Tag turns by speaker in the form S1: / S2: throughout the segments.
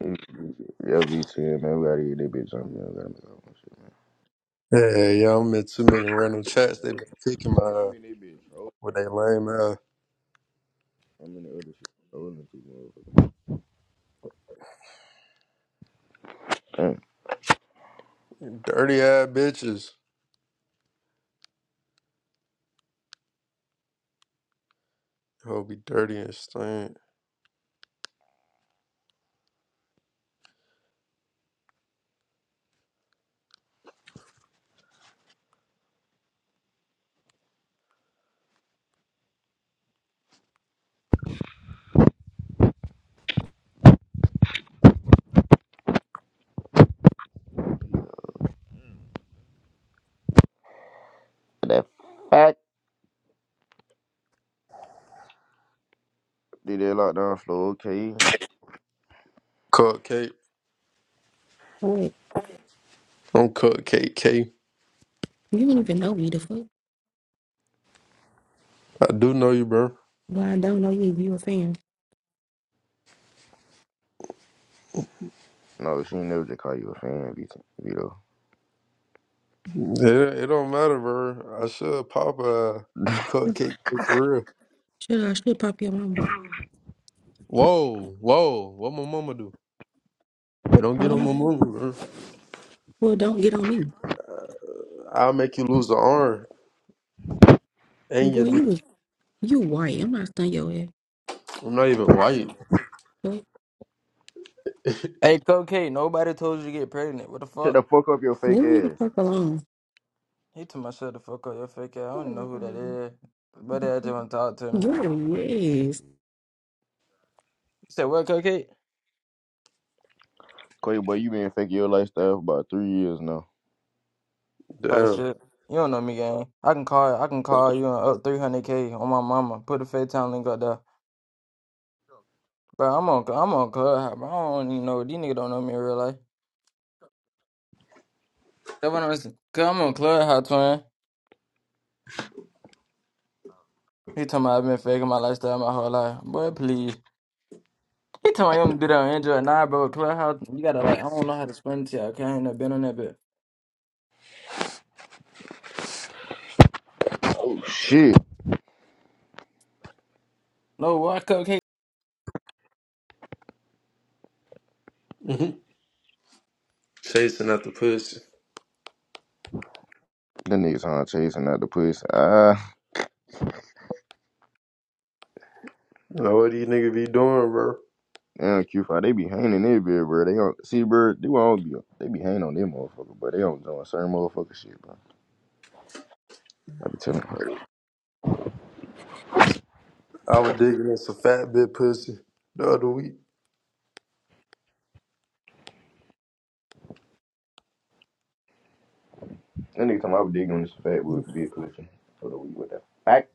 S1: Yeah, V ten man. We gotta get that bitch on, man. We gotta make our own shit,
S2: Yeah, y'all met too many random chats. They
S1: man.
S2: been kicking my
S1: Yeah, I
S2: ass
S1: mean, that bitch trolling.
S2: with they lame ass.
S1: I mean, the other shit trolling people, motherfucker. Mm,
S2: Dirty ass bitches. I'll be dirty and stink.
S1: That fact. Did that lockdown slow, okay?
S2: Cupcake.
S3: Wait,
S2: I'm Cupcake K.
S3: you don't even know me the fuck.
S2: I do know you, bro.
S3: Well, I don't know you. You a fan?
S1: No, she ain't never just call you a fan, VT, Vito.
S2: It, it don't matter, bro. I should pop uh be Cupcake K for real.
S3: Should I should pop your mama?
S2: Whoa, whoa. What my mama do? Hey, don't get on
S3: Huh?
S2: my mama, bro.
S3: Well, don't get on me,
S2: I'll make you lose the arm and
S3: boy.
S2: your
S3: You
S2: knee.
S3: was you white. I'm not stunning your ass.
S2: I'm not even white.
S3: But
S4: Hey, Cocaine, nobody told you to get pregnant. What the
S1: Shut the
S4: fuck?
S1: fuck up your fake
S3: leave me the
S1: ass.
S3: fuck alone.
S4: He told my shut the fuck up, your fake ass. I don't know who that is. But I just want to talk to me. You
S3: Girl, yes.
S4: said, what, Cocaine?
S1: Clay, boy, you been faking your lifestyle for about three years now.
S4: Type
S2: Damn.
S4: shit. You don't know me, gang. I can call I can call you on up 300K on my mama. Put the FaceTime link up there. Bro, I'm on, I'm on Clubhouse, bro. I don't even know. These niggas don't know me in real life. That's what I'm saying. Cause I'm on Clubhouse, twin. He told me I've been faking my lifestyle my whole life. Boy, please. He told me you don't do that on Android. Nah, bro, Clubhouse, you gotta like, I don't know how to explain it to you. Okay, I ain't never been on that bit.
S1: Oh, shit.
S4: No, why cupcake?
S2: Chasing at the pussy.
S1: The niggas on chasing out the pussy. Ah,
S2: You know what these niggas be doing, bro?
S1: damn, Q5, they be hanging in bit, bro. They don't, see, bro, they won't be, they be hanging on them motherfucker, but they don't doing certain motherfucker shit, bro. I be telling her.
S2: I was digging at some fat bit pussy the other week.
S1: That nigga talking I was digging on this fat wood big collection for the week with that. Back.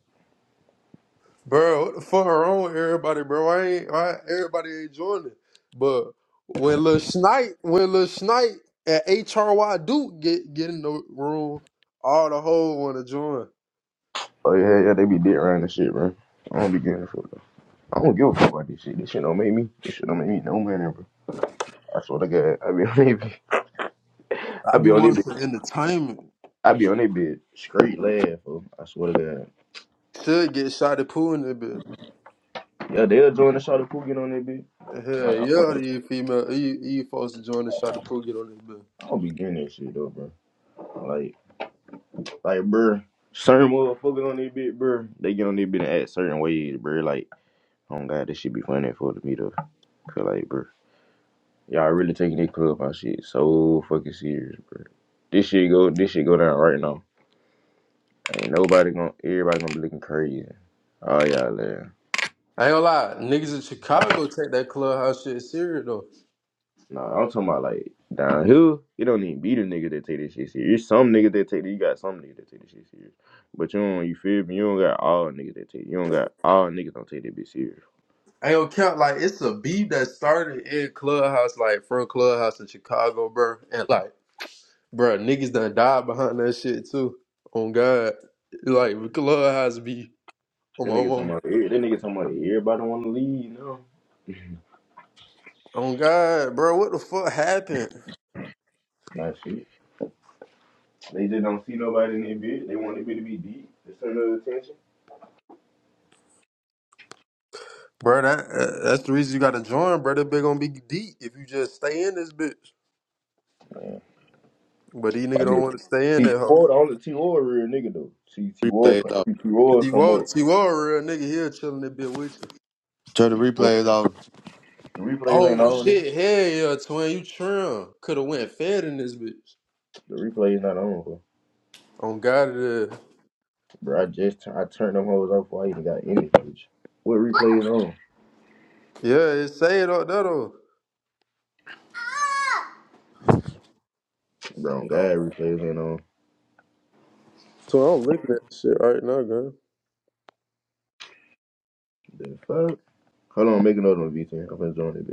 S2: Bro, what the fuck wrong with everybody, bro? I ain't I, everybody ain't joining. But when Lil Snipe, when Lil Snipe and HRY Duke get get in the room, all the whole wanna join.
S1: Oh yeah, yeah, they be dead around this shit, bro. I don't be getting it for though. I don't give a fuck about this shit. This shit don't make me. This shit don't make me no man ever. I swear to God, I be on that bitch.
S2: I
S1: I
S2: be
S1: be on that
S2: wanting
S1: bitch.
S2: some entertainment.
S1: I be on that bitch. Straight laugh, fool. I swear to God.
S2: Should get shot at pool in there, bit.
S1: Yeah, they'll join the shot of pool get on that bitch.
S2: Hell
S1: Like, I
S2: yeah,
S1: don't,
S2: you female you you folks to join the shot at pool, get on this bit.
S1: I don't be getting that shit though, bro. Like, like, bro. Certain motherfuckers on that bitch, bro. They get on that bitch and act certain ways, bro. Like. Oh god, this should be funny for me to feel like, bro. Y'all really taking this clubhouse shit so fucking serious, bro. This shit go, this shit go down right now. Ain't nobody gonna, everybody gonna be looking crazy. Oh y'all there.
S2: I ain't gonna lie, niggas in Chicago take that clubhouse shit serious though.
S1: Nah, I'm talking about like down here. It don't even be the nigga that take this shit serious. Some niggas that take it, you got some niggas that take this shit serious. But you don't, you feel me? You don't got all niggas that take. You don't got all niggas don't take that bitch serious.
S2: I don't count like it's a beef that started in Clubhouse, like from Clubhouse in Chicago, bro. And like, bro, niggas done died behind that shit too. On God, like Clubhouse be on
S1: That
S2: my
S1: nigga talking
S2: mom.
S1: about, eh, that nigga talking about everybody wanna leave. No,
S2: On God, bro, what the fuck happened,
S1: nah, shit. They just don't see nobody in their bid. They want their bid to be deep. The center of attention.
S2: bro? That uh, that's the reason you gotta join, bro. That bitch gonna be deep if you just stay in this bitch. But these
S1: I
S2: nigga
S1: did.
S2: don't want to stay in
S1: T
S2: that hoe.
S1: Ward, only T Ward a real nigga though. T T Ward,
S5: Replays
S1: come-
S5: off.
S1: T T Ward
S2: T
S1: come up.
S2: Walt, T Walt, real nigga here chilling that bitch with you.
S5: Turn the
S1: Well,
S5: replays off.
S1: the replays ain't
S2: Oh
S1: on, nigga.
S2: shit, hell yeah, twin, you trim. Could have went fed in this bitch.
S1: The replays not on, bro.
S2: On God, it is.
S1: Bro, I just tur- I turned them hoes off before I even got any bitch. What replays on?
S2: Yeah, it say it up there though.
S1: Bro, God, replays ain't on.
S2: So I'm looking at the shit right now, girl.
S1: The fuck? Hold on, make another one, V10. I'm gonna join it, bitch.